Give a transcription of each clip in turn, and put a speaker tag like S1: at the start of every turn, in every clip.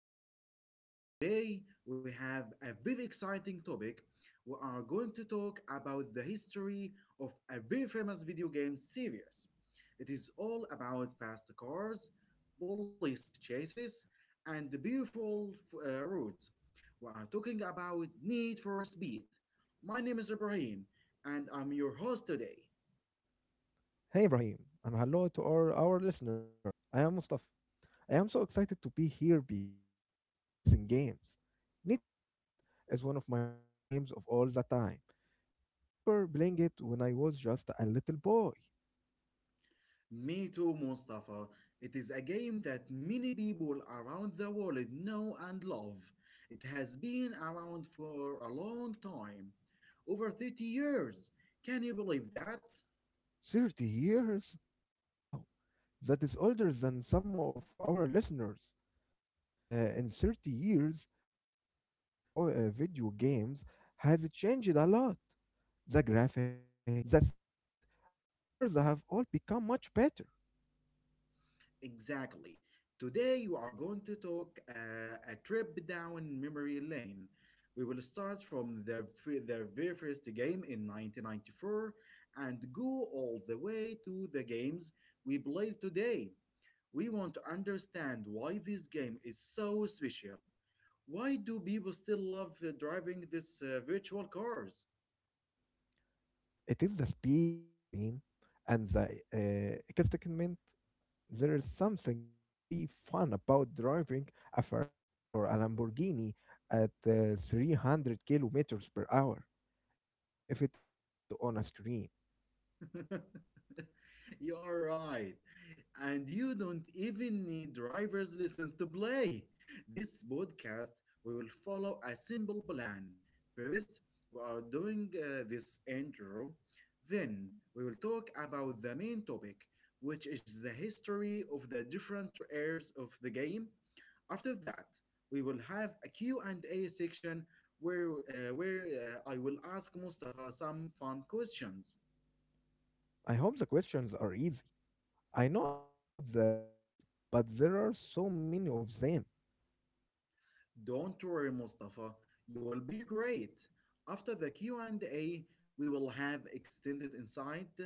S1: podcast. Today, we have a very exciting topic. We are going to talk about the history of a very famous video game series. It is all about fast cars, police chases, and the beautiful roads. We are talking about Need for Speed. My name is Ibrahim, and I'm your host today.
S2: Hey Ibrahim, and hello to all our listeners. I am Mustafa. I am so excited to be here because I love racing games. Need for Speed is one of my favorite games of all the time. I remember playing it when I was just a little boy.
S1: Me too, Mustafa. It is a game that many people around the world know and love. It has been around for a long time over 30 years. Can you believe that?
S2: 30 years? Wow! That is older than some of our listeners. In 30 years, the world of video games has changed a lot. The graphics, the sound, the cars have all become much better.
S1: Exactly. Today, you are going to talk a trip down memory lane. We will start from their very first game in 1994 and go all the way to the games we play today. We want to understand why this game is so special. Why do people still love driving these virtual cars?
S2: It is the speed, Brahim, and the excitement. There is something very fun about driving a Ferrari or a Lamborghini at 300 kilometers per hour, even if it is just on a screen.
S1: You are right. And you don't even need driver's license to play. This podcast, we will follow a simple plan. First, we are doing this intro. Then, we will talk about the main topic, which is the history of the different eras of the game. After that, we will have a Q and a section where I will ask Mustafa some fun questions.
S2: I hope the questions are easy. I know a lot about the games, but there are so many of them.
S1: Don't worry, Mustafa. You will be great. After the Q&A, we will have extended insight.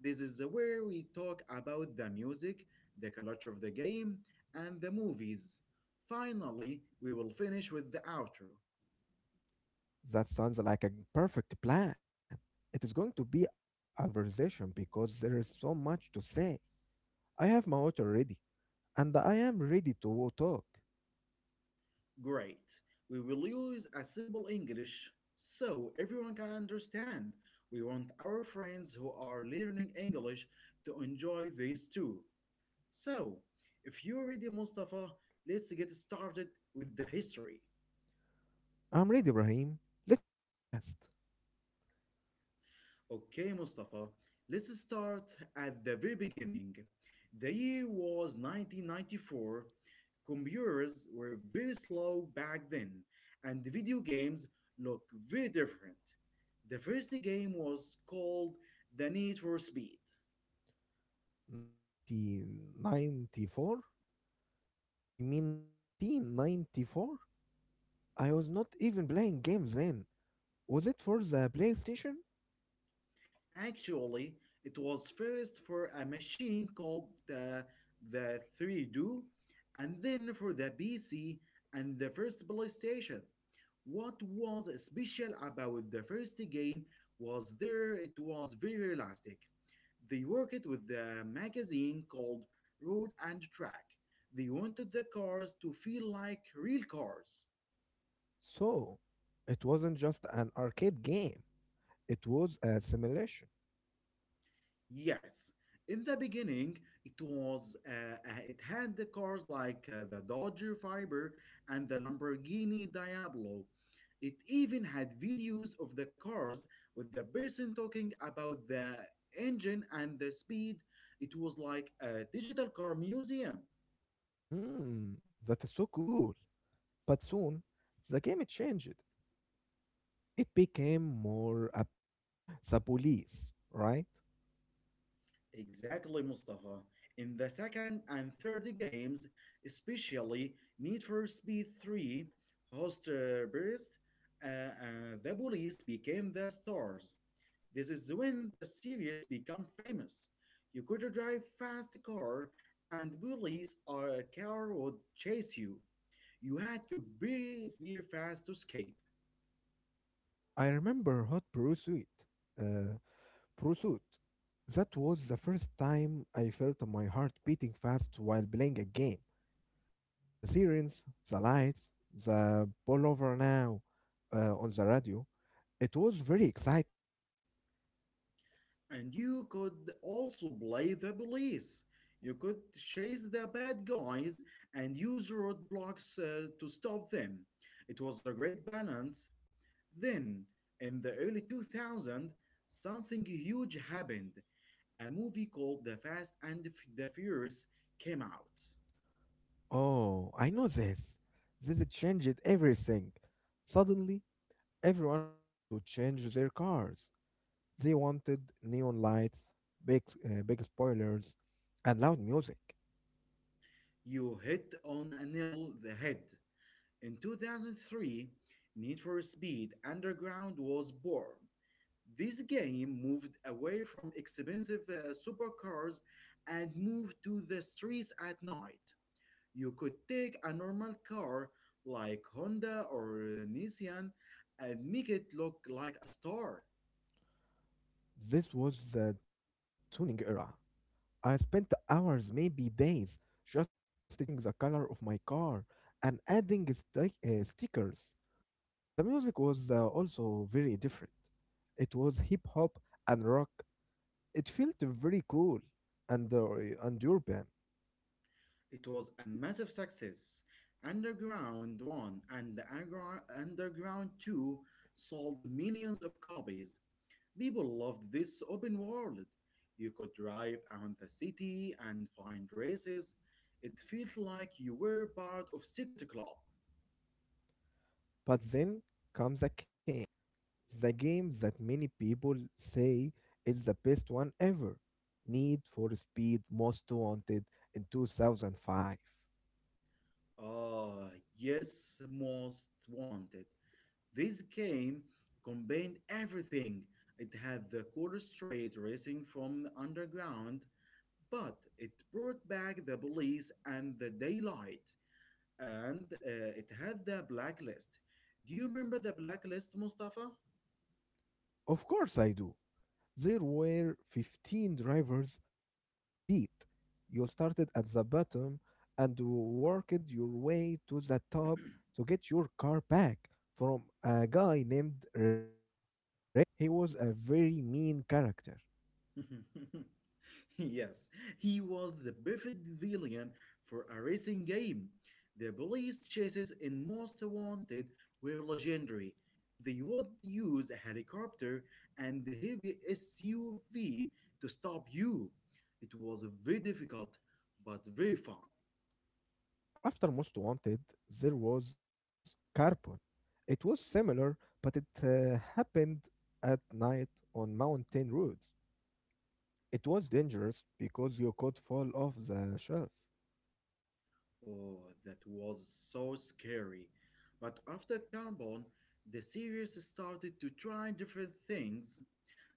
S1: This is where we talk about the music, the culture of the game, and the movies. Finally, we will finish with the outro.
S2: That sounds like a perfect plan. It is going to be a long conversation because there is so much to say. I have my water ready, and I am ready to talk.
S1: Great. We will use a simple English so everyone can understand. We want our friends who are learning English to enjoy this too. So, if you're ready, Mustafa, let's get started with the history.
S2: I'm ready, Ibrahim. Let's go fast.
S1: Okay, Mustafa, let's start at the very beginning. The year was 1994. Computers were very slow back then, and the video games look very different. The first game was called The Need for Speed.
S2: 1994? Or I mean, 1994. I was not even playing games then. Was it for the PlayStation?
S1: Actually, it was first for a machine called the 3 d, and then for the PC and the first PlayStation. What was special about the first game was there it was very elastic. They worked with the magazine called Road and Track. They wanted the cars to feel like real cars.
S2: So, it wasn't just an arcade game, it was a simulation.
S1: Yes, in the beginning, it had the cars like the Dodge Viper and the Lamborghini Diablo. It even had videos of the cars with the person talking about the engine and the speed. It was like a digital car museum.
S2: Hmm, that is so cool. But soon, the game changed. It became more about the police, right?
S1: Exactly, Mustafa. In the second and third games, especially Need for Speed 3, Host Burst, the police became the stars. This is when the series became famous. You could drive fast car, and police or a car would chase you. You had to be very fast to escape.
S2: I remember Hot Pursuit. Uh, pursuit. That was the first time I felt my heart beating fast while playing a game. The sirens, the lights, the pull over now on the radio. It was very exciting.
S1: And you could also play the police. You could chase the bad guys and use roadblocks to stop them. It was a great balance. Then, in the early 2000s, something huge happened. A movie called The Fast and the Furious came out.
S2: Oh, I know this. This changed everything. Suddenly, everyone wanted to change their cars. They wanted neon lights, big spoilers, and loud music.
S1: You hit on a nail the head. In 2003, Need for Speed Underground was born. This game moved away from expensive supercars and moved to the streets at night. You could take a normal car like Honda or Nissan and make it look like a star.
S2: This was the tuning era. I spent hours, maybe days, just changing the color of my car and adding stickers. The music was also very different. It was hip hop and rock. It felt very cool and, uh, and urban.
S1: It was a massive success. Underground 1 and Underground 2 sold millions of copies. People loved this open world. You could drive around the city and find races. It felt like you were part of Secret Club.
S2: But then comes a king. The game that many people say is the best one ever, Need for Speed Most Wanted, in 2005.
S1: Ah, yes, Most Wanted. This game combined everything. It had the cool street racing from underground, but it brought back the police and the daylight. And it had the blacklist. Do you remember the blacklist, Mustafa?
S2: Of course, I do. There were 15 drivers you had to beat. You started at the bottom and worked your way to the top to get your car back from a guy named Razor. He was a very mean character.
S1: Yes, he was the perfect villain for a racing game. The police chases in Most Wanted were legendary. They would use a helicopter and a heavy SUV to stop you. It was very difficult, but very fun.
S2: After Most Wanted, there was Carbon. It was similar, but it happened at night on mountain roads. It was dangerous because you could fall off the shelf.
S1: Oh, that was so scary. But after Carbon, the series started to try different things.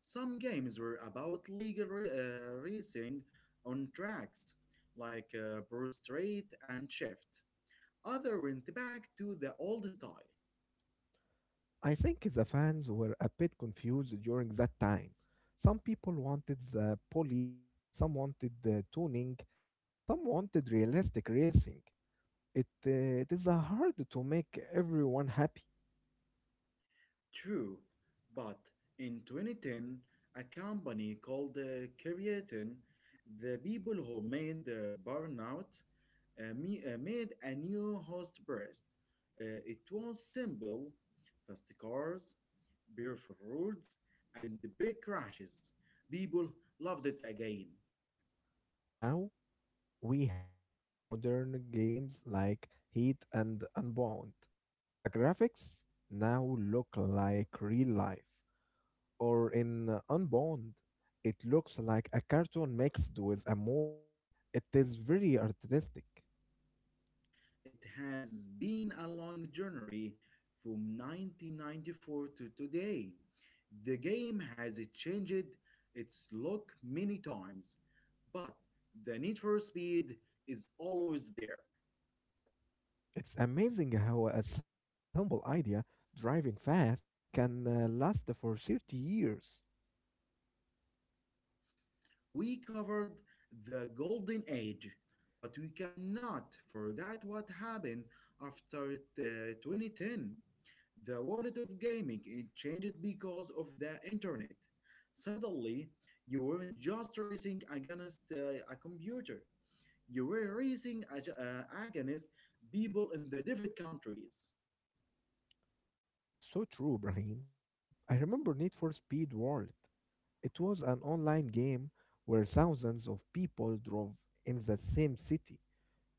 S1: Some games were about legal racing on tracks, like Bruce Strait and Shift. Other went back to the old style.
S2: I think the fans were a bit confused during that time. Some people wanted the police, some wanted the tuning, and some wanted realistic racing. It is hard to make everyone happy.
S1: True, but in 2010, a company called Creatin, the people who made Burnout, made a new host burst. It was simple, fast cars, beautiful roads, and big crashes. People loved it again.
S2: And now we have the modern games like Heat and Unbound. The graphics now look like real life, or in Unbound, it looks like a cartoon mixed with a movie. It is very artistic.
S1: It has been a long journey from 1994 to today. The game has changed its look many times, but the need for speed is always there.
S2: It's amazing how a simple idea, driving fast, can last for 30 years.
S1: We covered the Golden Age, but we cannot forget what happened after 2010. The world of gaming it changed because of the internet. Suddenly, you weren't just racing against a computer. You were racing against people in the different countries.
S2: That is so true, Brahim. I remember Need for Speed World. It was an online game where thousands of people drove in the same city.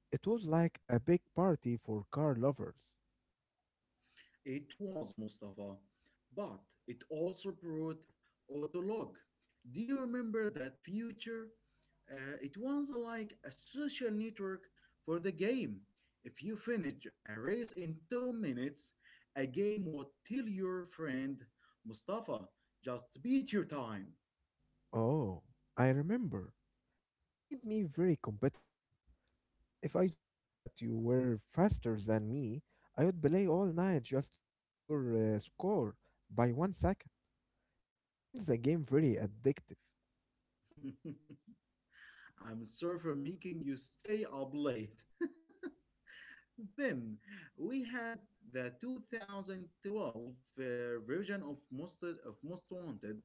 S2: It was like a big party for car lovers.
S1: It was Mustafa, but it also brought Autolog. Do you remember that feature? It was a- like a social network for the game. If you finish a race in 2 minutes, a game would tell your friend Mustafa, just beat your time.
S2: Oh, I remember. It made me very competitive. If I saw that you were faster than me, I would play all night just to beat your score by 1 second. It made the game very addictive.
S1: I'm sorry for making you stay up late. Then we had the 2012 uh, version of Most Wanted.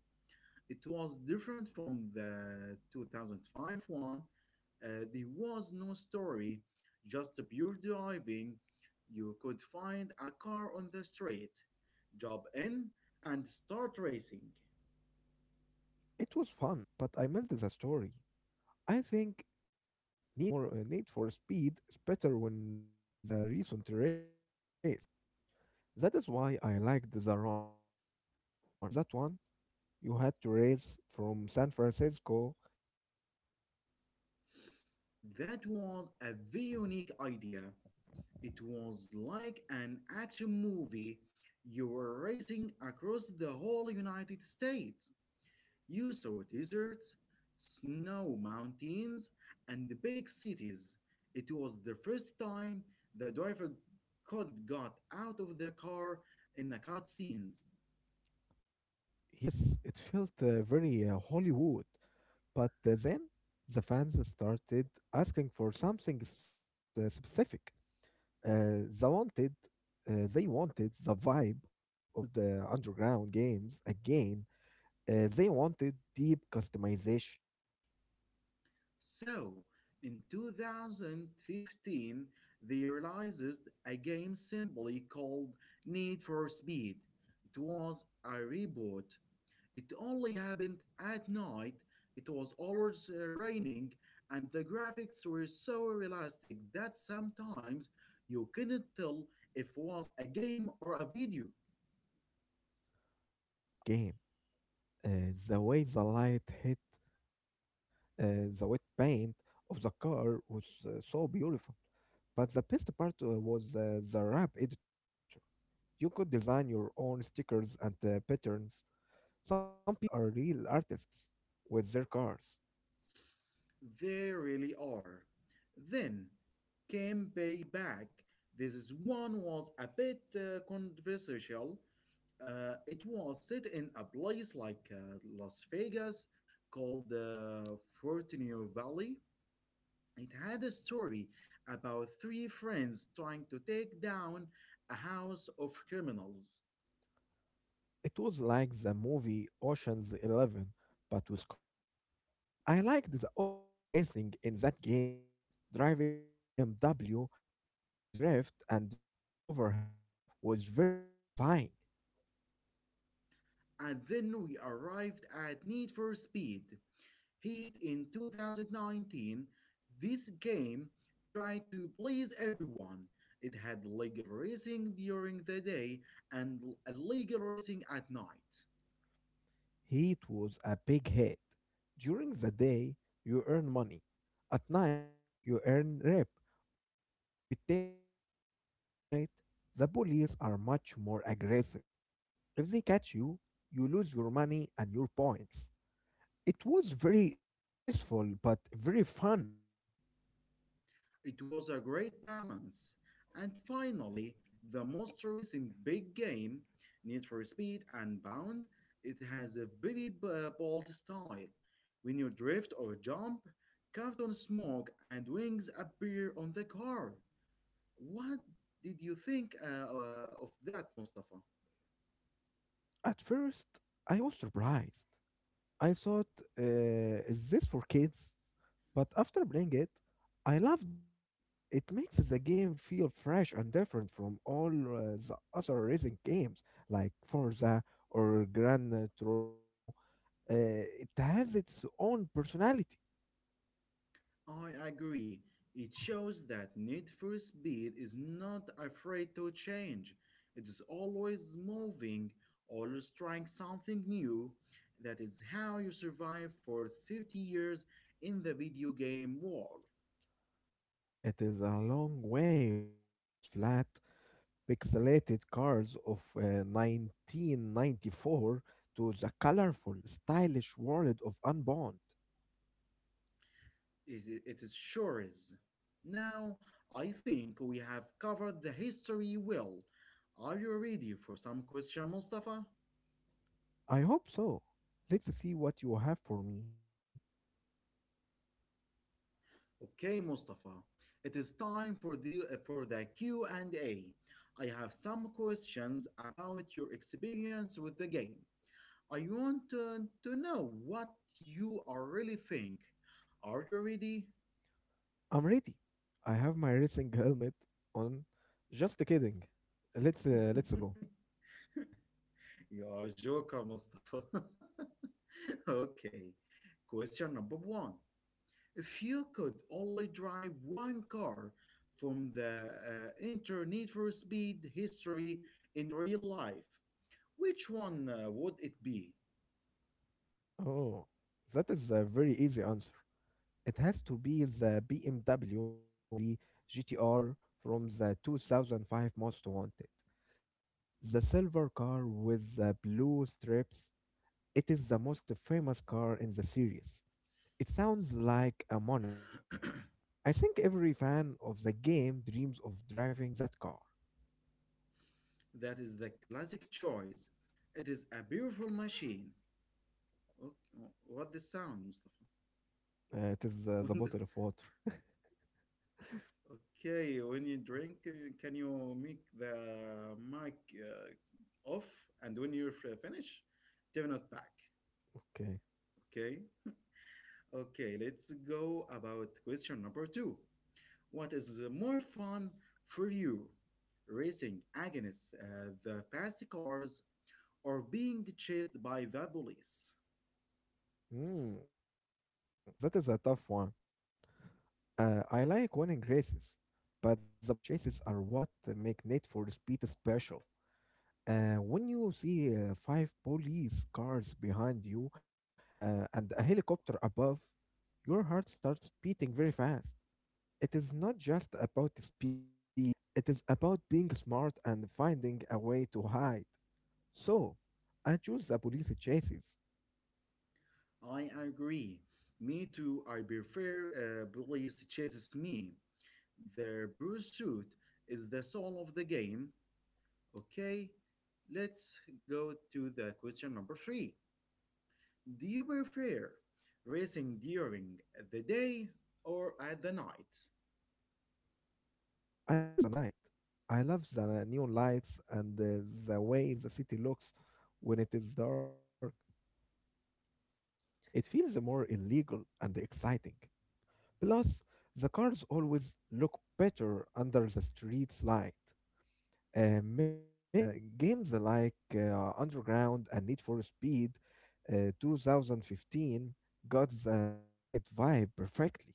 S1: It was different from the 2005 one. There was no story, just pure driving. You could find a car on the street, jump in, and start racing.
S2: It was fun, but I missed the story. I think Need for Speed is better when there is a recent race. That is why I liked the run. Do you remember that one? You had to race from San Francisco to New York.
S1: That was a very unique idea. It was like an action movie. You were racing across the whole United States. You saw deserts, snow mountains, and big cities. It was the first time the driver could got out of the car in the cutscenes.
S2: Yes, it felt very Hollywood. But then the fans started asking for something specific. Uh, they wanted, they wanted the vibe of the old underground games again. They wanted deep customization.
S1: So, in 2015, they realized a game simply called Need for Speed. It was a reboot. It only happened at night. It was always raining, and the graphics were so realistic that sometimes you couldn't tell if it was a game or a video.
S2: I loved that game. The way the light hit the wet paint of the car was so beautiful. But the best part was the wrap editor. You could design your own stickers and patterns. Some people are real artists with their cars.
S1: They really are. Then came Payback. This is one was a bit controversial. It was set in a place like Las Vegas called Fortunio Valley. It had a story about three friends trying to take down a house of criminals.
S2: It was like the movie Ocean's Eleven, but with cars. I liked the off-road racing in that game. Driving a BMW through the drift and jumping over hills was very satisfying.
S1: And then we arrived at Need for Speed Heat in 2019. This game tried to please everyone. It had legal racing during the day and illegal racing at night.
S2: Heat was a big hit. During the day, you earn money. At night, you earn rep or reputation. But at night, the police are much more aggressive. If they catch you, you lose your money and your points. It was very stressful but very fun.
S1: It was a great balance. And finally, the most recent big game, Need for Speed Unbound, it has a very bold style. When you drift or jump, cartoon smoke and wings appear on the car. What did you think of that, Mustafa?
S2: At first, I was surprised. I thought, is this for kids? But after playing it, I loved it. It makes the game feel fresh and different from all the other racing games like Forza or Gran Turismo. Uh, it has its own personality.
S1: I agree. It shows that Need for Speed is not afraid to change. It is always moving, always trying something new. That is how you survive for 30 years in the video game world.
S2: It is a long way from those flat, pixelated cars of 1994 to the colorful, stylish world of Unbound.
S1: It is sure is. Now, I think we have covered the history well. Are you ready for some question, Mustafa?
S2: I hope so. Let's see what you have for me.
S1: Okay, Mustafa. It is time for the Q and A. I have some questions about your experience with the game. I want to know what you are really think. Are you ready?
S2: I'm ready. I have my racing helmet on. Just kidding. Let's go.
S1: You are a joker, Mustafa. Okay. Question number one. If you could only drive one car from the Inter Need for Speed history in real life, which one would it be?
S2: Oh, that is a very easy answer. It has to be the BMW M3 GTR from the 2005 Most Wanted. The silver car with the blue strips. It is the most famous car in the series. It sounds like a monster. I think every fan of the game dreams of driving that car.
S1: That is the classic choice. It is a beautiful machine. Okay. What the sound, Mustafa?
S2: It is the
S1: When the-
S2: bottle of water.
S1: okay, when you drink, can you make the mic off? And when you're finished, turn it back.
S2: Okay.
S1: Okay. Okay, let's go about question number two. What is more fun for you? Racing against the fast cars or being chased by the police?
S2: Mm, that is a tough one. I like winning races, but the police chases are what make Need for Speed special. When you see five police cars behind you and a helicopter above, your heart starts beating very fast. It is not just about the speed, it is about being smart and finding a way to hide. So, I choose the police chases.
S1: I agree. Me too. I prefer police chases me. Their pursuit is the soul of the game. Okay, let's go to the question number three. Do you prefer racing during the day or at the night?
S2: I prefer the night. I love the neon lights and the way the city looks when it is dark. It feels more illegal and exciting. Plus, the cars always look better under the street's light. Makes games like Underground and Need for Speed 2015 got the night vibe perfectly?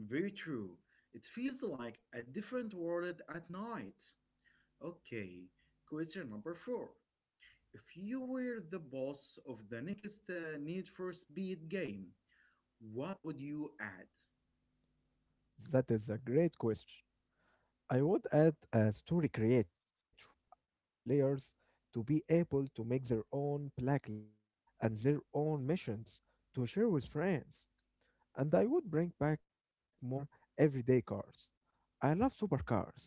S1: Very true. It feels like a different world at night. Okay, question number four. If you were the boss of the next Need for Speed game, what would you add?
S2: That is a great question. I would add a story creator. I want the players to be able to make their own blacklist and their own missions to share with friends. And I would bring back more everyday cars. I love supercars,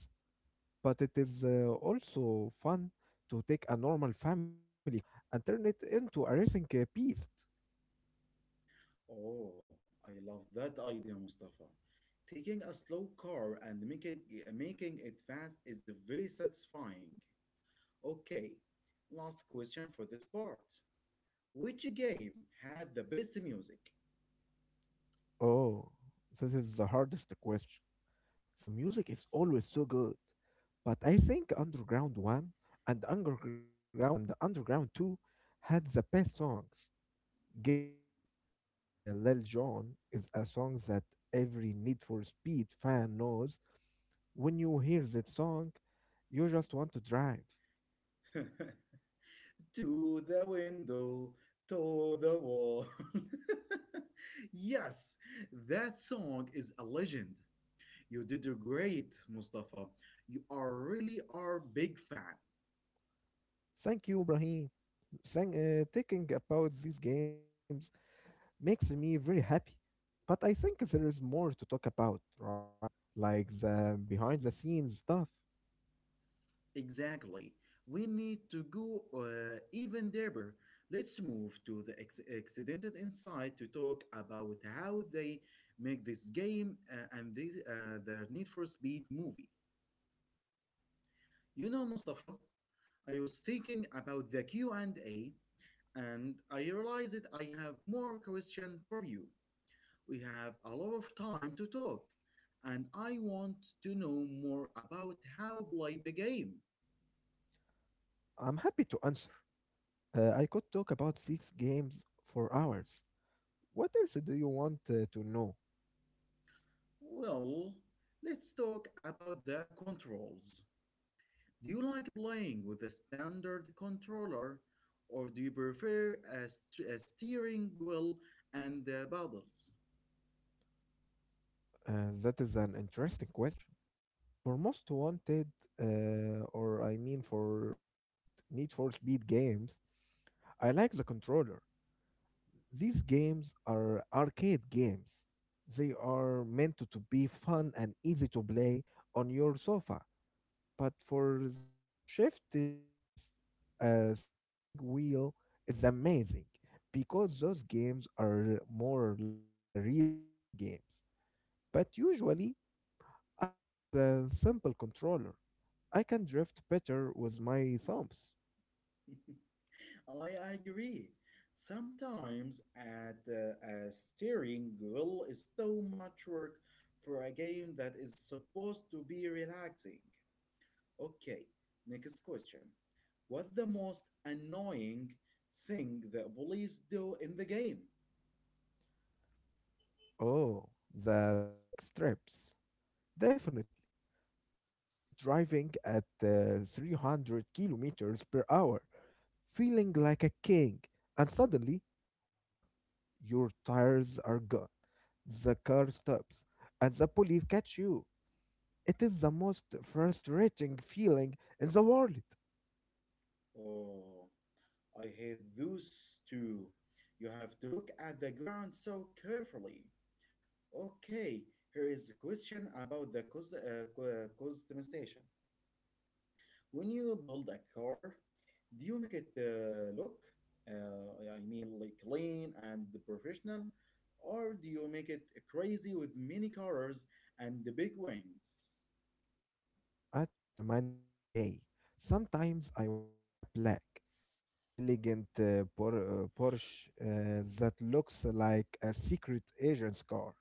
S2: but it is also fun to take a normal family car and turn it into a racing beast.
S1: Oh, I love that idea, Mustafa. Taking a slow car and making it fast is very satisfying. Okay, last question for this part. Which game had the best music?
S2: Oh, this is the hardest question. The music is always so good, but I think Underground 1 and Underground 2 had the best songs. Get Low by Lil Jon is a song that every Need for Speed fan knows. When you hear that song, you just want to drive.
S1: To the window, to the wall. Yes, that song is a legend. You did great, Mustafa. You are really are big fan.
S2: Thank you, Brahim. Saying thinking about these games makes me very happy. But I think there is more to talk about, right? Like the behind the scenes stuff.
S1: Exactly. We need to go even deeper. Let's move to the Accidental Insight to talk about how they make this game and the Need for Speed movie. You know, Mustafa, I was thinking about the Q&A, and I realized that I have more question for you. We have a lot of time to talk, and I want to know more about how play the game.
S2: I'm happy to answer. I could talk about these games for hours. What else do you want to know?
S1: Well, let's talk about the controls. Do you like playing with a standard controller, or do you prefer a a steering wheel and paddles?
S2: Uh, that is an interesting question. For most wanted, or I mean, for most Need for Speed games, I like the controller. These games are arcade games. They are meant to be fun and easy to play on your sofa. But for the Shift series, a steering wheel is amazing because those games are more like a real racing games. But usually, I like the simple controller. I can drift better with my thumbs.
S1: I agree. Sometimes at a steering wheel is too much work for a game that is supposed to be relaxing. Okay, next question. What's the most annoying thing that police do in the game?
S2: Oh, the spike strips. Definitely. You are driving at 300 kilometers per hour, feeling like a king, and suddenly, pop, your tires are gone. The car stops, and the police catch you. It is the most frustrating feeling in the world.
S1: Oh, I hate those two. You have to look at the ground so carefully. Okay, here is a question about the customization. When you build a car, do you make it look, like, clean and professional, or do you make it crazy with many colors and the big wings?
S2: I change my mind every day. Sometimes I want a black, elegant Porsche that looks like a secret agent's car.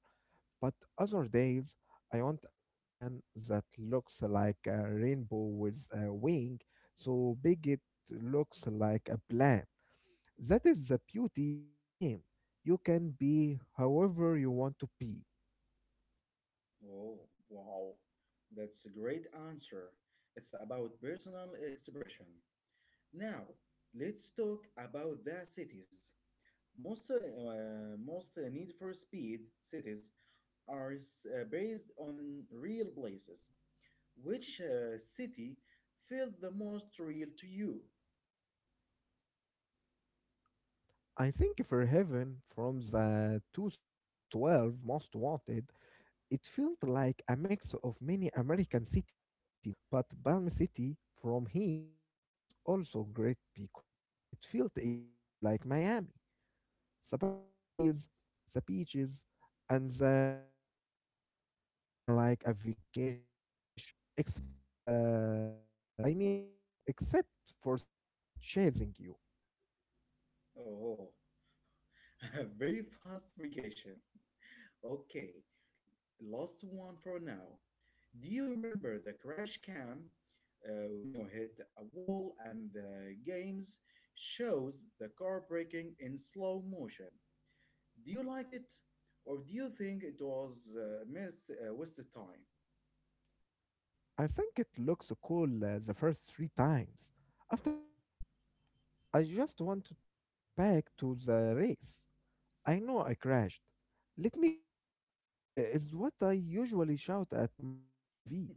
S2: But other days, I want a Nissan that looks like a rainbow with a wing, so big it looks like a plant. That is the beauty of the game. You can be however you want to be.
S1: Oh, wow, that's a great answer. It's about personal expression. Now, let's talk about the cities. Most Need for Speed cities are based on real places. Which city felt the most real to you?
S2: I think for Heaven from the 2012 Most Wanted, it felt like a mix of many American cities, but Palm City from Heat was also great because it felt exactly like Miami. The palm trees, the beaches, and the bright lights made it feel like a vacation. Expect the, I mean, except for the police chasing you.
S1: Oh, a very fast vacation. Okay, last one for now. Do you remember the crash cam, when you hit a wall and the games shows the car breaking in slow motion? Do you like it? Or do you think it was miss wasted time?
S2: I think it looks cool the first three times. After that, I just wanted to get back to the race. I know I crashed. Let me go, is what I usually shout at my TV.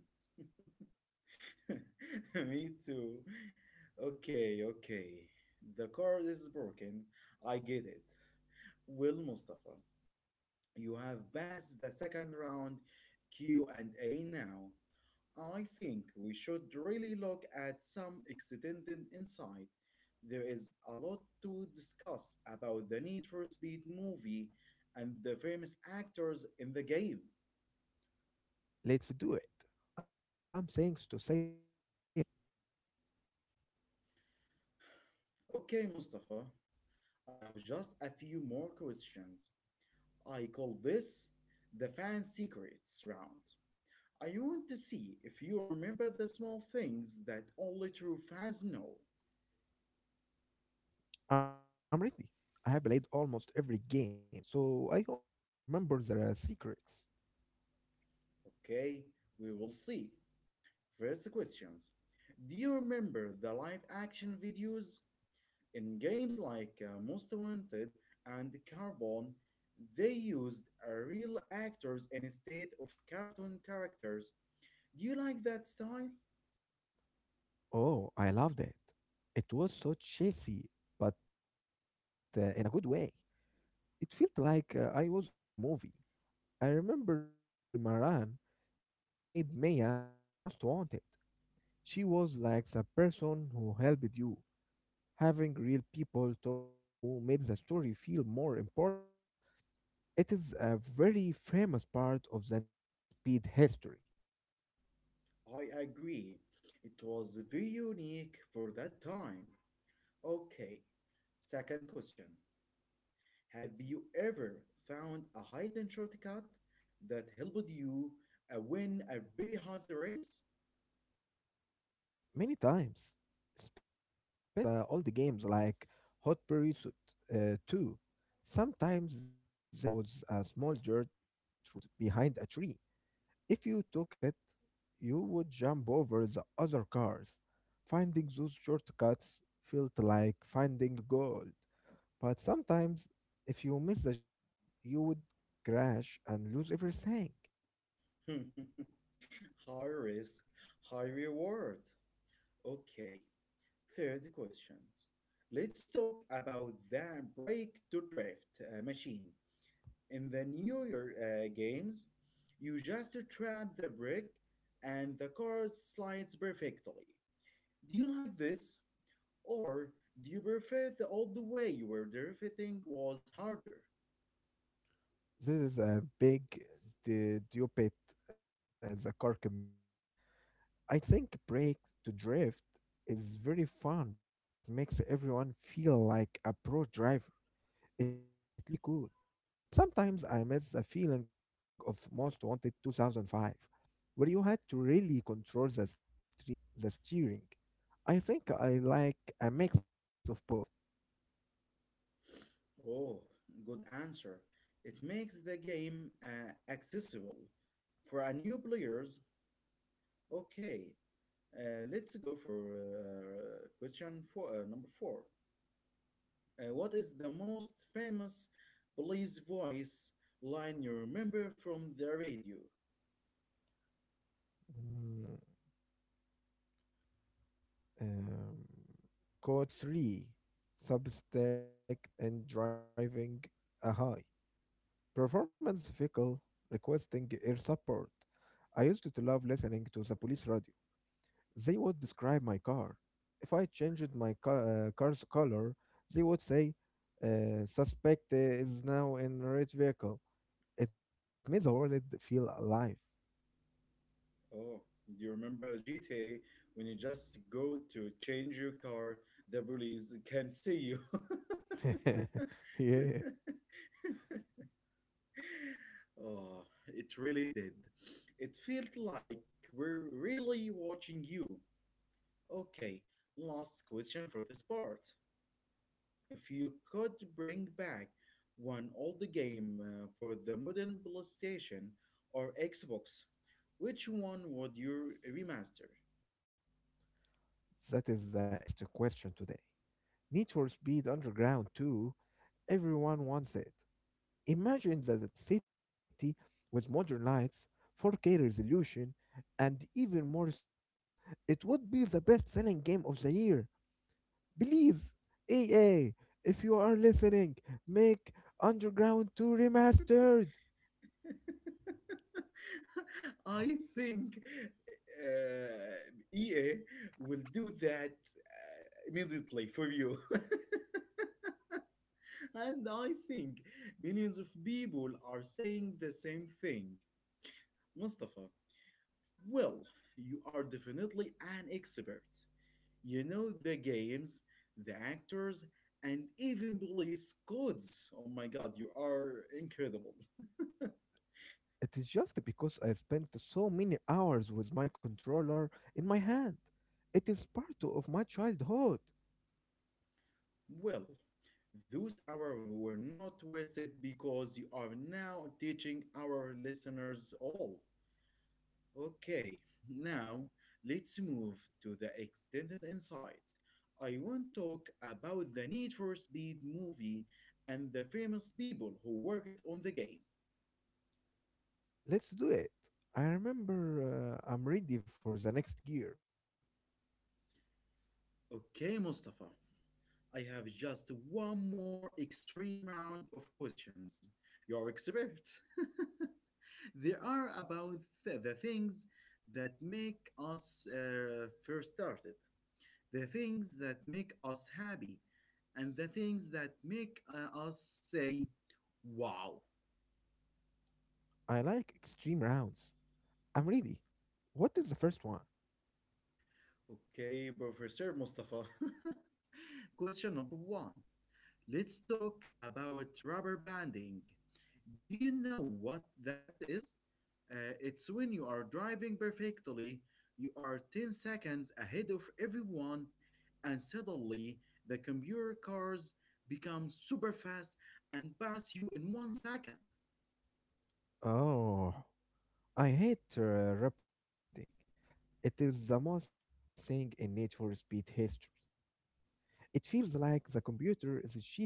S1: Me too. Okay, okay. The card is broken. I get it. Well, Mustafa, you have passed the second round Q&A now. I think we should really look at some extended insight. There is a lot to discuss about the Need for Speed movie and the famous actors in the game.
S2: Let's do it. I have some things to say about the movie.
S1: Okay, Mustafa, I have just a few more questions. I call this the Fan Secrets round. I want to see if you remember the small things that only true fans know.
S2: I'm ready. I have played almost every game, so I hope I can remember the secrets.
S1: Okay, we will see. First questions. Do you remember the live action videos? In games like Most Wanted and Carbon, they used real actors instead of cartoon characters. Do you like that style?
S2: Oh, I loved it. It was so cheesy, but in a good way. It felt like I was in a real movie. I remember Juicy Maran. She played Mia in Most Wanted. She was like the person who helped you. Having real people talk to you made the story feel more important. It is a very famous part of the Need for Speed history.
S1: I agree. It was very unique for that time. Okay, second question. Have you ever found a hidden shortcut that helped you win a very hard race?
S2: Many times, especially in the old games like Hot Pursuit 2, sometimes there was a small dirt road behind a tree. If you took it, you would jump over the other cars. Finding those shortcuts felt like finding gold. But sometimes, if you miss the jump, you would crash and lose everything.
S1: High risk, high reward. Okay, third question. Let's talk about the break to drift machine. In the newer games, you just trap the brick and the car slides perfectly. Do you like this? Or do you prefer the old way where drifting was harder?
S2: This is a big debate in the car community. I think Break to Drift is very fun because it makes everyone feel like a pro driver. It looks very cool. But sometimes I miss the feeling of Most Wanted 2005, where you had to really control the steering. I think I like a mix of both.
S1: Oh, good answer. It makes the game accessible for a new players. Okay, let's go for number four. What is the most famous police voice line you remember from the radio?
S2: Mm, um, code 3 Substack and driving a high. Performance vehicle requesting air support. I used to love listening to the police radio. They would describe my car. If I changed my car's color, they would say, "Suspect is now in red vehicle." It made the world feel alive.
S1: Oh, do you remember GTA when you just go to change your car, the police can't see you?
S2: Yeah,
S1: Oh, it really did. It felt like we're really watching you. Okay, last question for this part. If you could bring back one old game for the modern PlayStation or Xbox, which one would you remaster?
S2: that is the easiest question today. Need for Speed Underground 2. Everyone wants it. Imagine that the city with modern lights, 4K resolution, and even more stickers, it would be the best selling game of the year. Please, EA, if you are listening, make Underground 2 remastered.
S1: I think EA will do that immediately for you. And I think millions of people are saying the same thing. Mustafa, well, you are definitely an expert. You know, the games, the actors, and even police codes. Oh my god, you are incredible.
S2: It is just because I spent so many hours with my controller in my hand. It is part of my childhood.
S1: Well, those hours were not wasted because you are now teaching our listeners all. Okay, now let's move to the extended insight. I want to talk about the Need for Speed movie and the famous people who worked on the game.
S2: Let's do it. I remember I'm ready for the next gear.
S1: Okay, Mustafa, I have just one more extreme round of questions. You're expert. They are about the things that make us first started, the things that make us happy, and the things that make us say, wow.
S2: I like extreme rounds. I'm ready. What is the first one?
S1: Okay, Professor Mustafa. Question number one. Let's talk about rubber banding. Do you know what that is? It's when you are driving perfectly, you are 10 seconds ahead of everyone, and suddenly the computer cars become super fast and pass you in 1 second.
S2: Oh, I hate rubber banding. It is the most famous thing in natural speed history. It feels like the computer is cheating.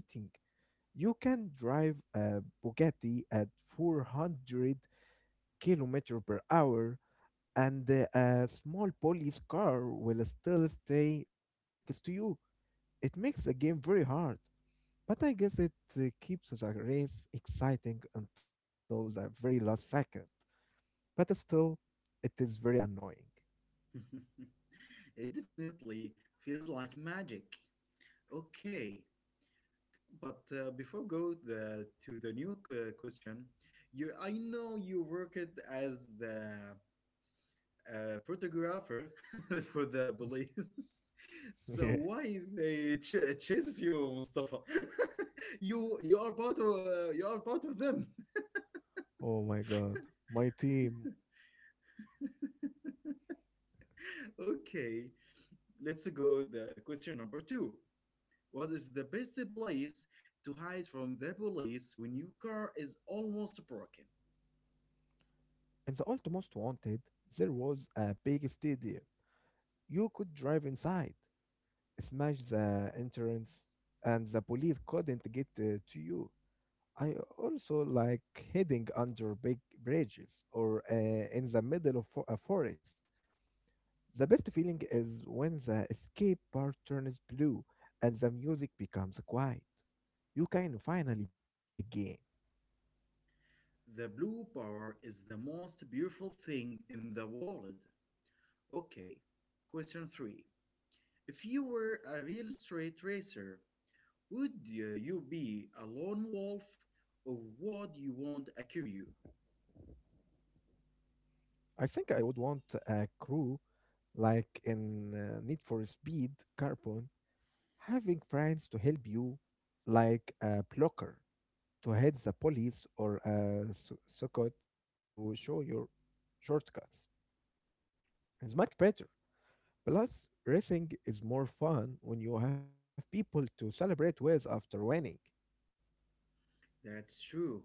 S2: You can drive a Bugatti at 400 kilometer per hour, and a small police car will still stay right next to you. It makes the game very hard. But I guess it keeps the race exciting until the very last second. But still, it is very annoying.
S1: It definitely feels like magic. Okay, but before go to the new question, you I know you worked as the photographer for the police. So
S2: Yeah.
S1: why they chases you, Mustafa? You are part of them.
S2: Oh my god. My team.
S1: Okay, let's go the question number two. What is the best place to hide from the police when your car is almost broken?
S2: In the Ultimate Wanted, there was a big stadium. You could drive inside, smash the entrance, and the police couldn't get to you. I also like hiding under big bridges or in the middle of a forest. The best feeling is when the escape bar turns blue and the music becomes quiet. You can finally breathe again.
S1: The blue bar is the most beautiful thing in the world. Okay. Question three. If you were a real straight racer, would you be a lone wolf, or would you want a crew?
S2: I think I would want a crew like in Need for Speed Carbon, having friends to help you, like a blocker to head the police or a socket to show your shortcuts. It's much better. Plus, racing is more fun when you have people to celebrate with after winning.
S1: That's true.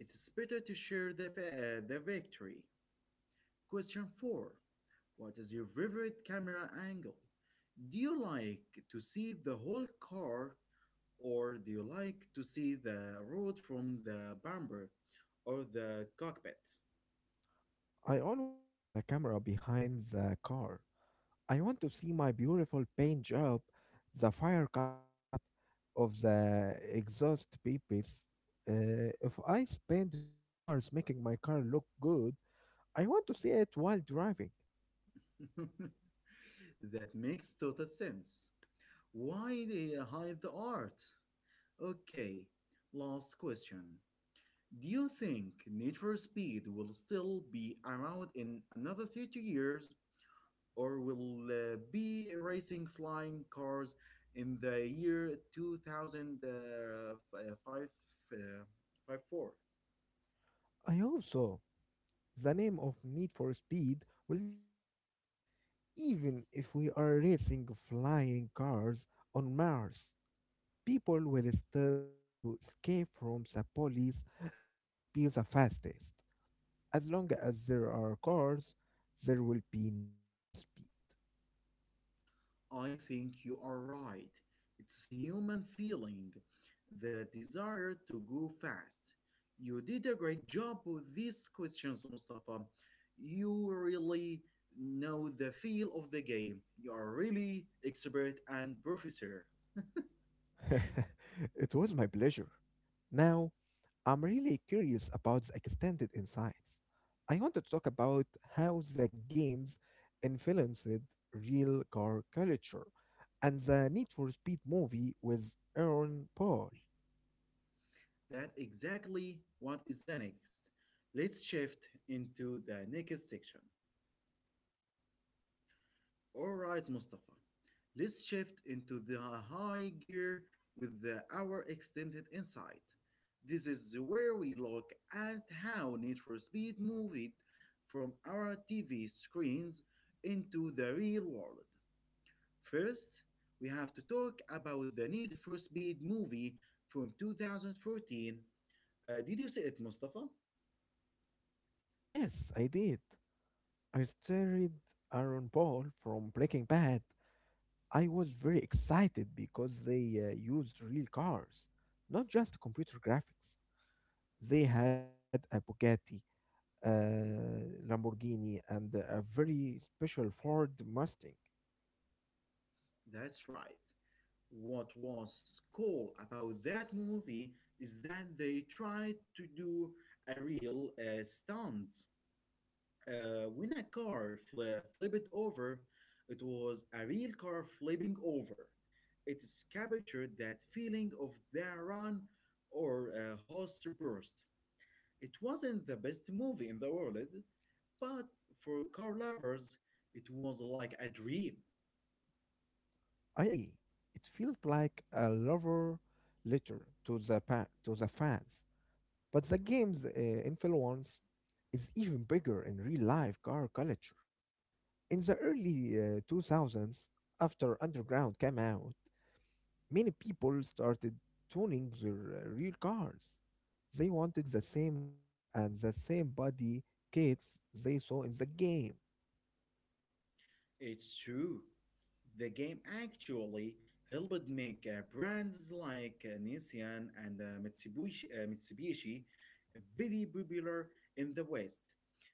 S1: It's better to share the victory. Question 4. What is your favorite camera angle? Do you like to see the whole car, or do you like to see the road from the bumper or the cockpit?
S2: I always use the camera behind the car. I want to see my beautiful paint job, the fire coming out of the exhaust pipes. If I spend 2 hours making my car look good, I want to see it while driving.
S1: That makes total sense. Why they hide the art? Okay, last question. Do you think Need for Speed will still be around in another 30 years, or will be racing flying cars in the year 2054?
S2: I hope so. The name of Need for Speed will never die, even if we are racing flying cars on Mars. People will still want to escape from the police and be the fastest. As long as there are cars, there will be need for speed.
S1: I think you are right. It's a human feeling, the desire to go fast. You did a great job with these questions, Mustafa. You really know the feel of the game. You are really expert and professor.
S2: It was my pleasure. Now, I'm really curious about the extended insights. I want to talk about how the games influenced real car culture and the Need for Speed movie with Aaron Paul.
S1: That exactly what is the next. Let's shift into the next section. All right, Mustafa. Let's shift into the high gear with our extended insight. This is where we look at how Need for Speed moved from our TV screens into the real world. First, we have to talk about the Need for Speed movie from 2014. Did you see it, Mustafa?
S2: Yes, I did. I started Aaron Paul from Breaking Bad. I was very excited because they used real cars, not just computer graphics. They had a Bugatti, a Lamborghini, and a very special Ford Mustang.
S1: That's right. What was cool about that movie is that they tried to do a real stunt. When a car flipped over, it was a real car flipping over. It captured that feeling of the run or a host burst. It wasn't the best movie in the world, but for car lovers, it was like a dream.
S2: I agree. It felt like a lover letter to to the fans. But the game's influence is even bigger in real life car culture. In the early 2000s, after Underground came out, many people started tuning their real cars. They wanted the same lights and the same body kits they saw in the game.
S1: It's true. The game actually helped make brands like Nissan and Mitsubishi very popular in the West.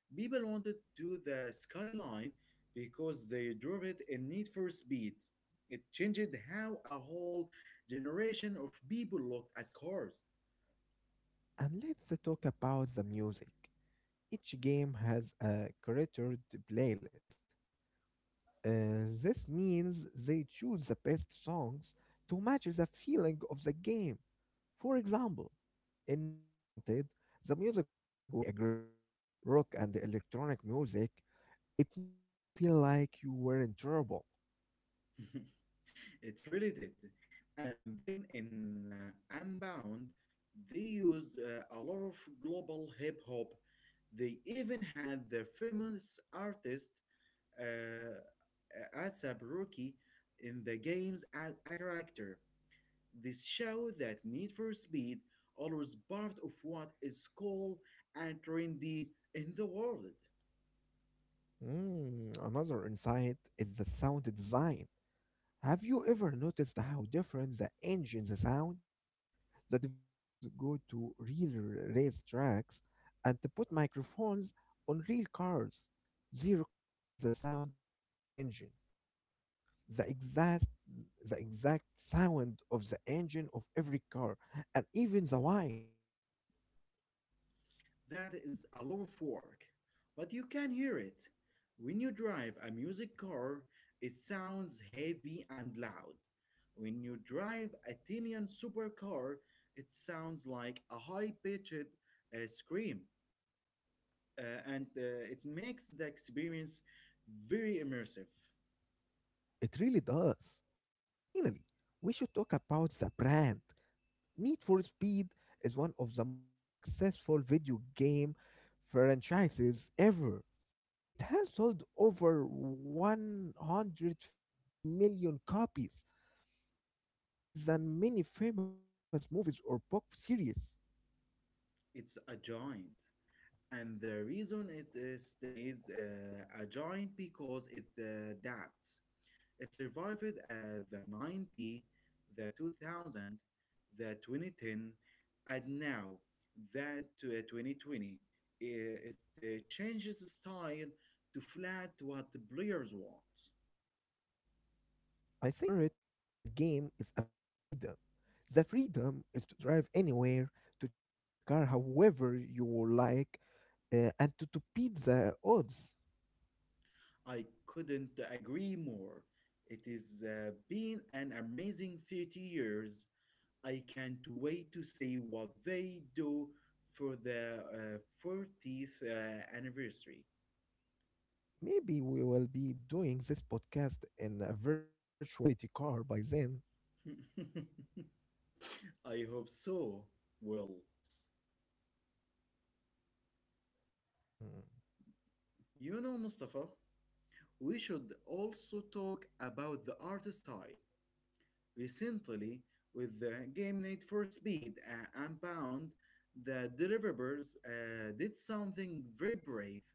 S1: People wanted to the skyline because they drove it in Need for Speed. It changed how a whole generation of people looked at cars.
S2: And let's talk about the music. Each game has a curated playlist. This means they choose the best songs to match the feeling of the game. For example, in Most Wanted, the music was very aggressive, rock and electronic music. It made you feel like you were in trouble.
S1: It really did. And then in Unbound, they used a lot of global hip hop. They even had the famous artist ASAP Rocky in the games as a character. This show that Need for Speed always part of what is cool and trendy in the world.
S2: Mm, another insight is the sound design. Have you ever noticed how different the engines sound? The developers go to real race tracks and they put microphones on real cars. They recorded the sound of the engine, the exact the exact sound of the engine of every car, and even the white.
S1: That is a lot of work, but you can hear it. When you drive a music car, it sounds heavy and loud. When you drive a Tinian supercar, it sounds like a high pitched scream, and it makes the experience very immersive.
S2: It really does. And finally, we should talk about the brand. Need for Speed is one of the most successful video game franchises ever. It has sold over 150 million copies. That is more than many famous movies or book series.
S1: It's a giant. And the reason it stays a giant because it adapts. It survived the 90, the 2000, the 2010, and now that 2020. It changes the style to flat what the players want.
S2: I think the spirit of the game is about freedom. The freedom is to drive anywhere, to change your car however you like, and to beat the odds.
S1: I couldn't agree more. It has been an amazing 30 years. I can't wait to see what they do for the 40th anniversary.
S2: Maybe we will be doing this podcast in a virtual reality car by then.
S1: I hope so. Well,
S2: Mm,
S1: you know, Mustafa, we should also talk about the art style. Recently, with the game Need for Speed and Bound, the developers did something very brave.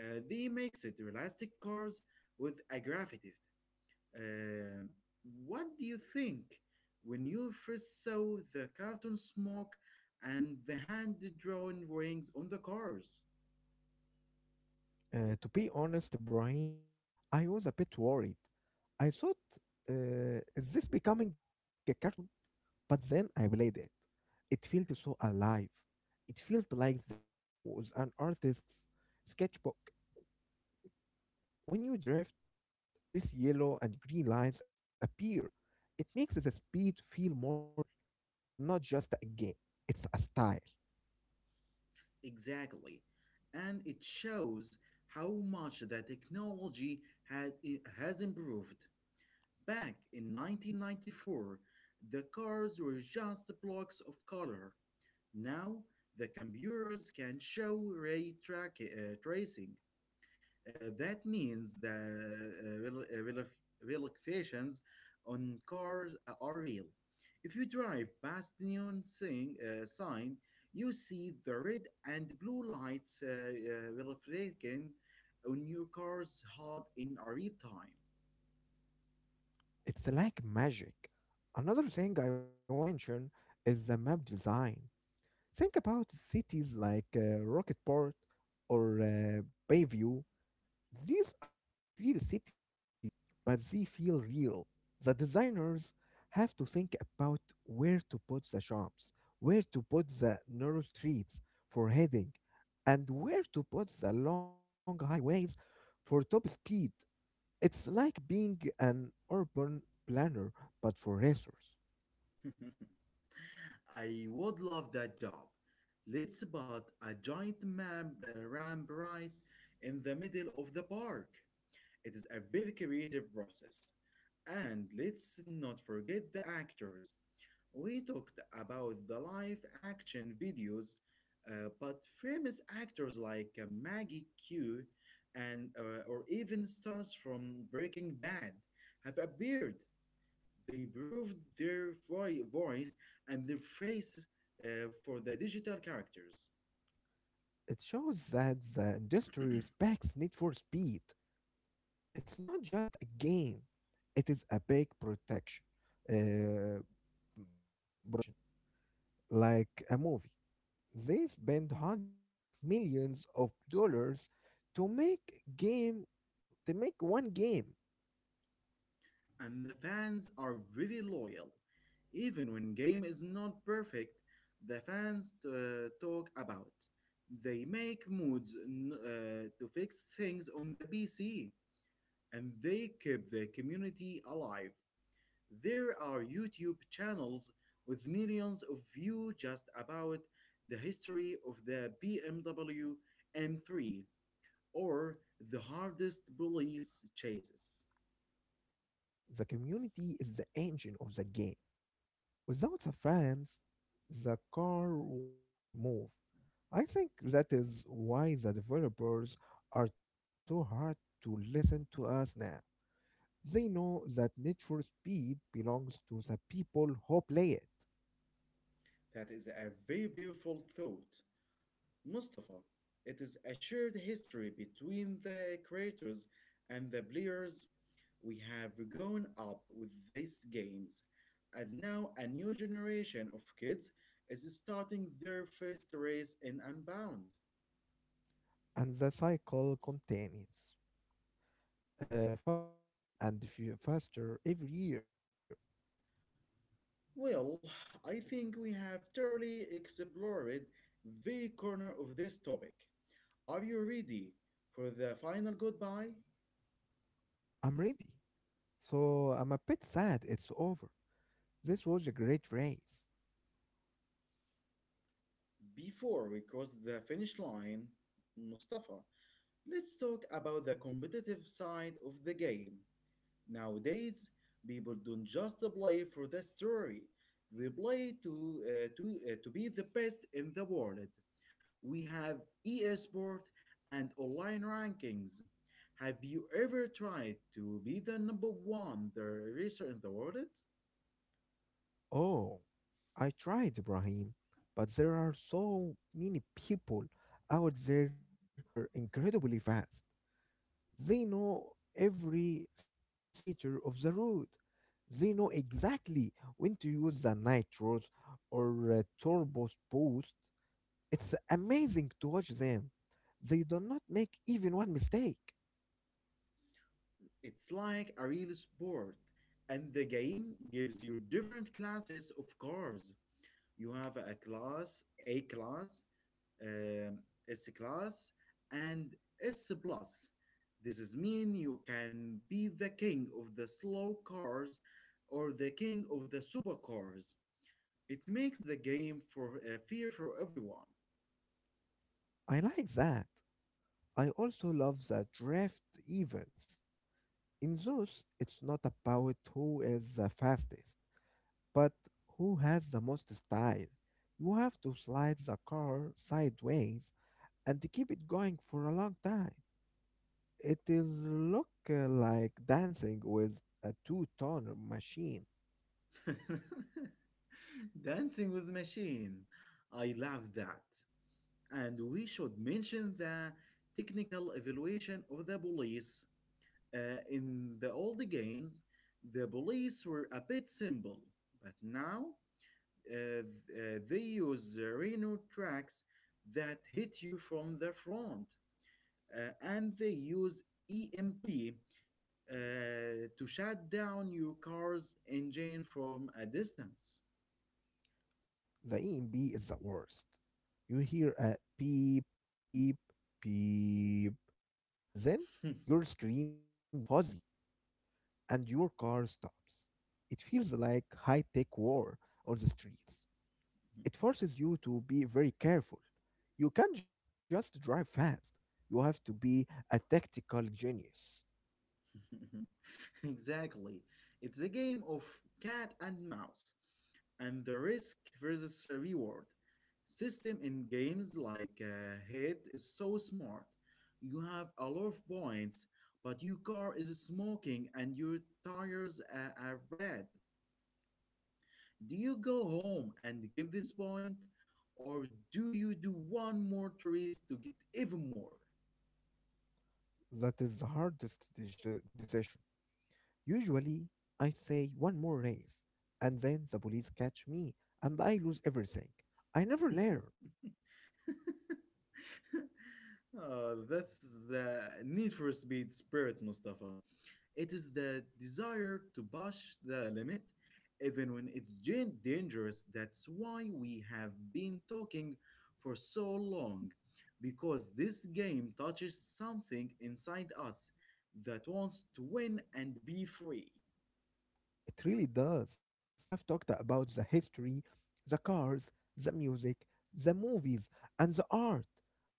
S1: They mixed realistic cars with a graffiti. Uh, what do you think when you first saw the cartoon smoke and the hand-drawn rings on the cars?
S2: To be honest, Ibrahim, I was a bit worried. I thought, is this becoming a cartoon? But then I played it. It felt so alive. It felt like the game was an artist's sketchbook. When you drift, these yellow and green lines appear. It makes the speed feel more visual. It's not just a game, it's a style.
S1: Exactly. And it shows how much the technology had, has improved. Back in 1994, the cars were just blocks of color. Now, the computers can show ray tracing, that means the relocations on cars are real. If you drive past the neon sign, you see the red and blue lights reflecting on your car's hard in a real time.
S2: It's like magic. Another thing I want to mention is the map design. Think about cities like Rocketport or Bayview. These are not real cities, but they feel real. The designers have to think about where to put the shops, where to put the narrow streets for heading, and where to put the long highways for top speed. It's like being an urban planner, but for racers.
S1: I would love that job. Let's put a giant ramp right in the middle of the park. It is a very creative process. And let's not forget the actors. We talked about the live action videos, but famous actors like Maggie Q and or even stars from Breaking Bad have appeared. They proved their voice and their face for the digital characters.
S2: It shows that the industry respects need for speed. It's not just a game, it is a big protection uh, production like a movie. They spend hundreds of millions of dollars to make one game.
S1: And the fans are very loyal. Even when game is not perfect, the fans talk about. They make mods to fix things on the PC, and they keep the community alive. There are YouTube channels with millions of views just about the history of the BMW M3 or the hardest police chases.
S2: The community is the engine of the game. Without the fans, the car wouldn't move. I think that is why the developers are trying so hard to listen to us now. They know that nature speed belongs to the people who play it,
S1: That is a very beautiful thought. Mustafa, it is a shared history between the creators and the players. We have grown up with these games, and now a new generation of kids is starting their first race in Unbound.
S2: and the cycle continues faster and faster every year.
S1: Well, I think we have thoroughly explored the corner of this topic. Are you ready for the final goodbye?
S2: I'm ready, so I'm a bit sad it's over. This was a great race.
S1: Before we cross the finish line, Mustafa, let's talk about the competitive side of the game. Nowadays, people don't just play for the story, they play to be the best in the world. We have e-sport and online rankings. Have you ever tried to be the number one the racer in the world?
S2: Oh, I tried, Ibrahim, but there are so many people out there who are incredibly fast. They know every centimeter of the road. They know exactly when to use the nitros or turbo boost. It's amazing to watch them. They do not make even one mistake.
S1: It's like a real sport, and the game gives you different classes of cars. You have a class, A class, um, S class, and S plus. This is mean you can be the king of the slow cars or the king of the supercars. It makes the game for fear for everyone.
S2: I like that. I also love the draft events. In those, it's not about who is the fastest, but who has the most style. You have to slide the car sideways and keep it going for a long time. It is look like dancing with a two-tone machine.
S1: Dancing with Machine. I love that. And we should mention the technical evaluation of the police. In the old games, the police were a bit simple, but now uh, th- they use Rhino tracks that hit you from the front, and they use EMP uh, to shut down your car's engine from a distance.
S2: The EMB is the worst. You hear a beep, beep, beep, and then your screen goes fuzzy and your car stops. It feels like high-tech war on the streets. It forces you to be very careful. You can't just drive fast. You have to be a tactical genius.
S1: Exactly. It's a game of cat and mouse, and the risk versus reward system in games like Hit is so smart. You have a lot of points, but your car is smoking and your tires are red. Do you go home and give this point, or do you do one more race to get even more?
S2: That is the hardest decision. Usually, I say one more race, and then the police catch me, and I lose everything. I never learn.
S1: That's the need for speed spirit, Mustafa. It is the desire to push the limit, even when it's dangerous. That's why we have been talking for so long, because this game touches something inside us that wants to win and be free.
S2: It really does. We have talked about the history, the cars, the music, the movies, and the art.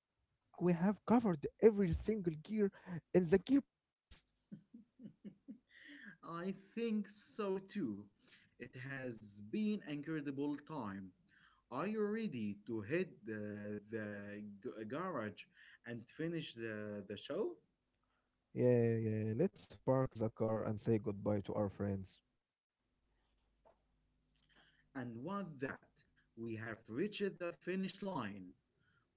S2: I think we have covered every single gear in the gearbox.
S1: I think so too. It has been incredible time. Are you ready to hit the garage and finish the show?
S2: Yeah, yeah, yeah. Let's park the car and say goodbye to our friends.
S1: And with that, we have reached the finish line.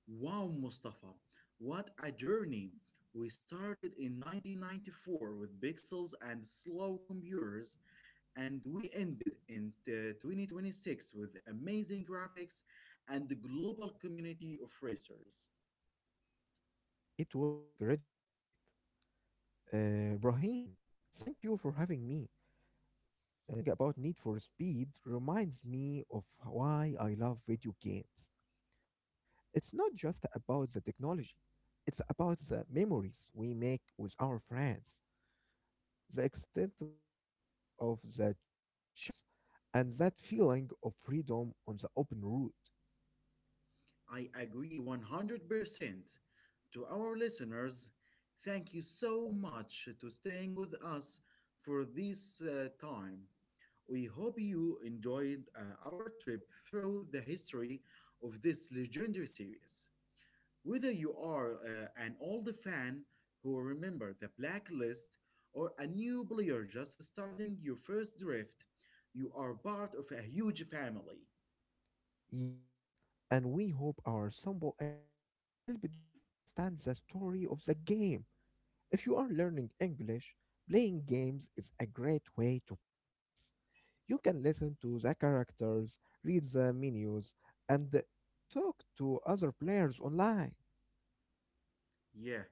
S1: Wow, Mustafa, what a journey! We started in 1994 with pixels and slow computers, and we ended in 2026 with amazing graphics and the global community of racers.
S2: It was an incredible ride. Brahim, thank you for having me. Talking about Need for Speed reminds me of why I love video games. It's not just about the technology, it's about the memories we make with our friends, the excitement of the chase, and that feeling of freedom on the open road.
S1: I agree 100%. To our listeners, thank you so much to staying with us for this time. We hope you enjoyed our trip through the history of this legendary series. Whether you are an old fan who remember the blacklist or a new player just starting your first drift, you are part of a huge family.
S2: Yes, and we hope our simple English helped you understand the story of the game. If you are learning English, playing games is a great way to practice. You can listen to the characters, read the menus, and talk to other players online.
S1: Yeah,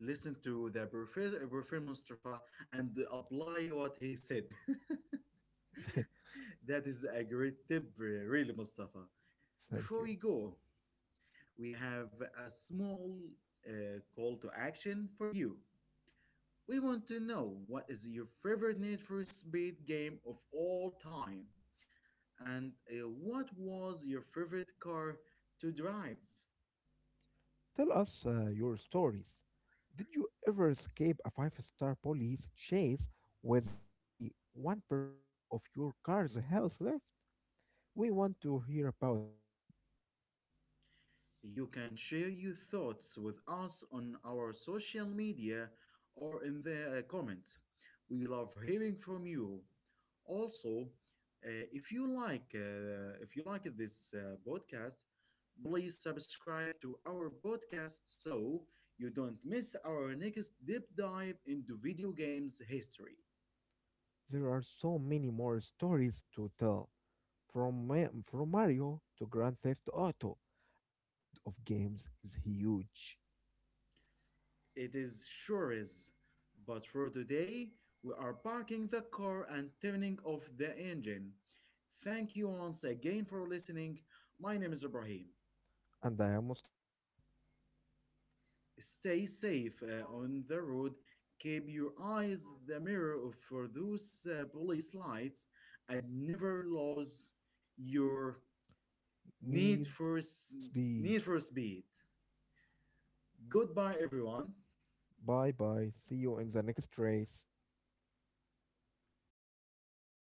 S1: listen to the Professor Mustafa and apply what he said. That is a great tip, really, Mustafa.
S2: Thank
S1: Before
S2: you.
S1: we go, we have a small call to action for you. We want to know what is your favorite Need for Speed game of all time and what was your favorite car to drive.
S2: Tell us your stories. Did you ever escape a 5-star police chase with only 1% of your car's health left? We want to hear about it.
S1: You can share your thoughts with us on our social media or in the comments. We love hearing from you. Also, if you like this podcast, please subscribe to our podcast so you don't miss our next deep dive into video games history.
S2: There are so many more stories to tell from, from Mario to Grand Theft Auto. The world of games is huge.
S1: It is sure is. But for today, we are parking the car and turning off the engine. Thank you once again for listening. My name is Ibrahim.
S2: And I am Mustafa.
S1: Stay safe on the road. Keep your eyes the mirror for those police lights, and never lose your need
S2: Need
S1: for s-
S2: for Speed.
S1: need for speed. Goodbye, everyone.
S2: Bye bye. See you in the next race.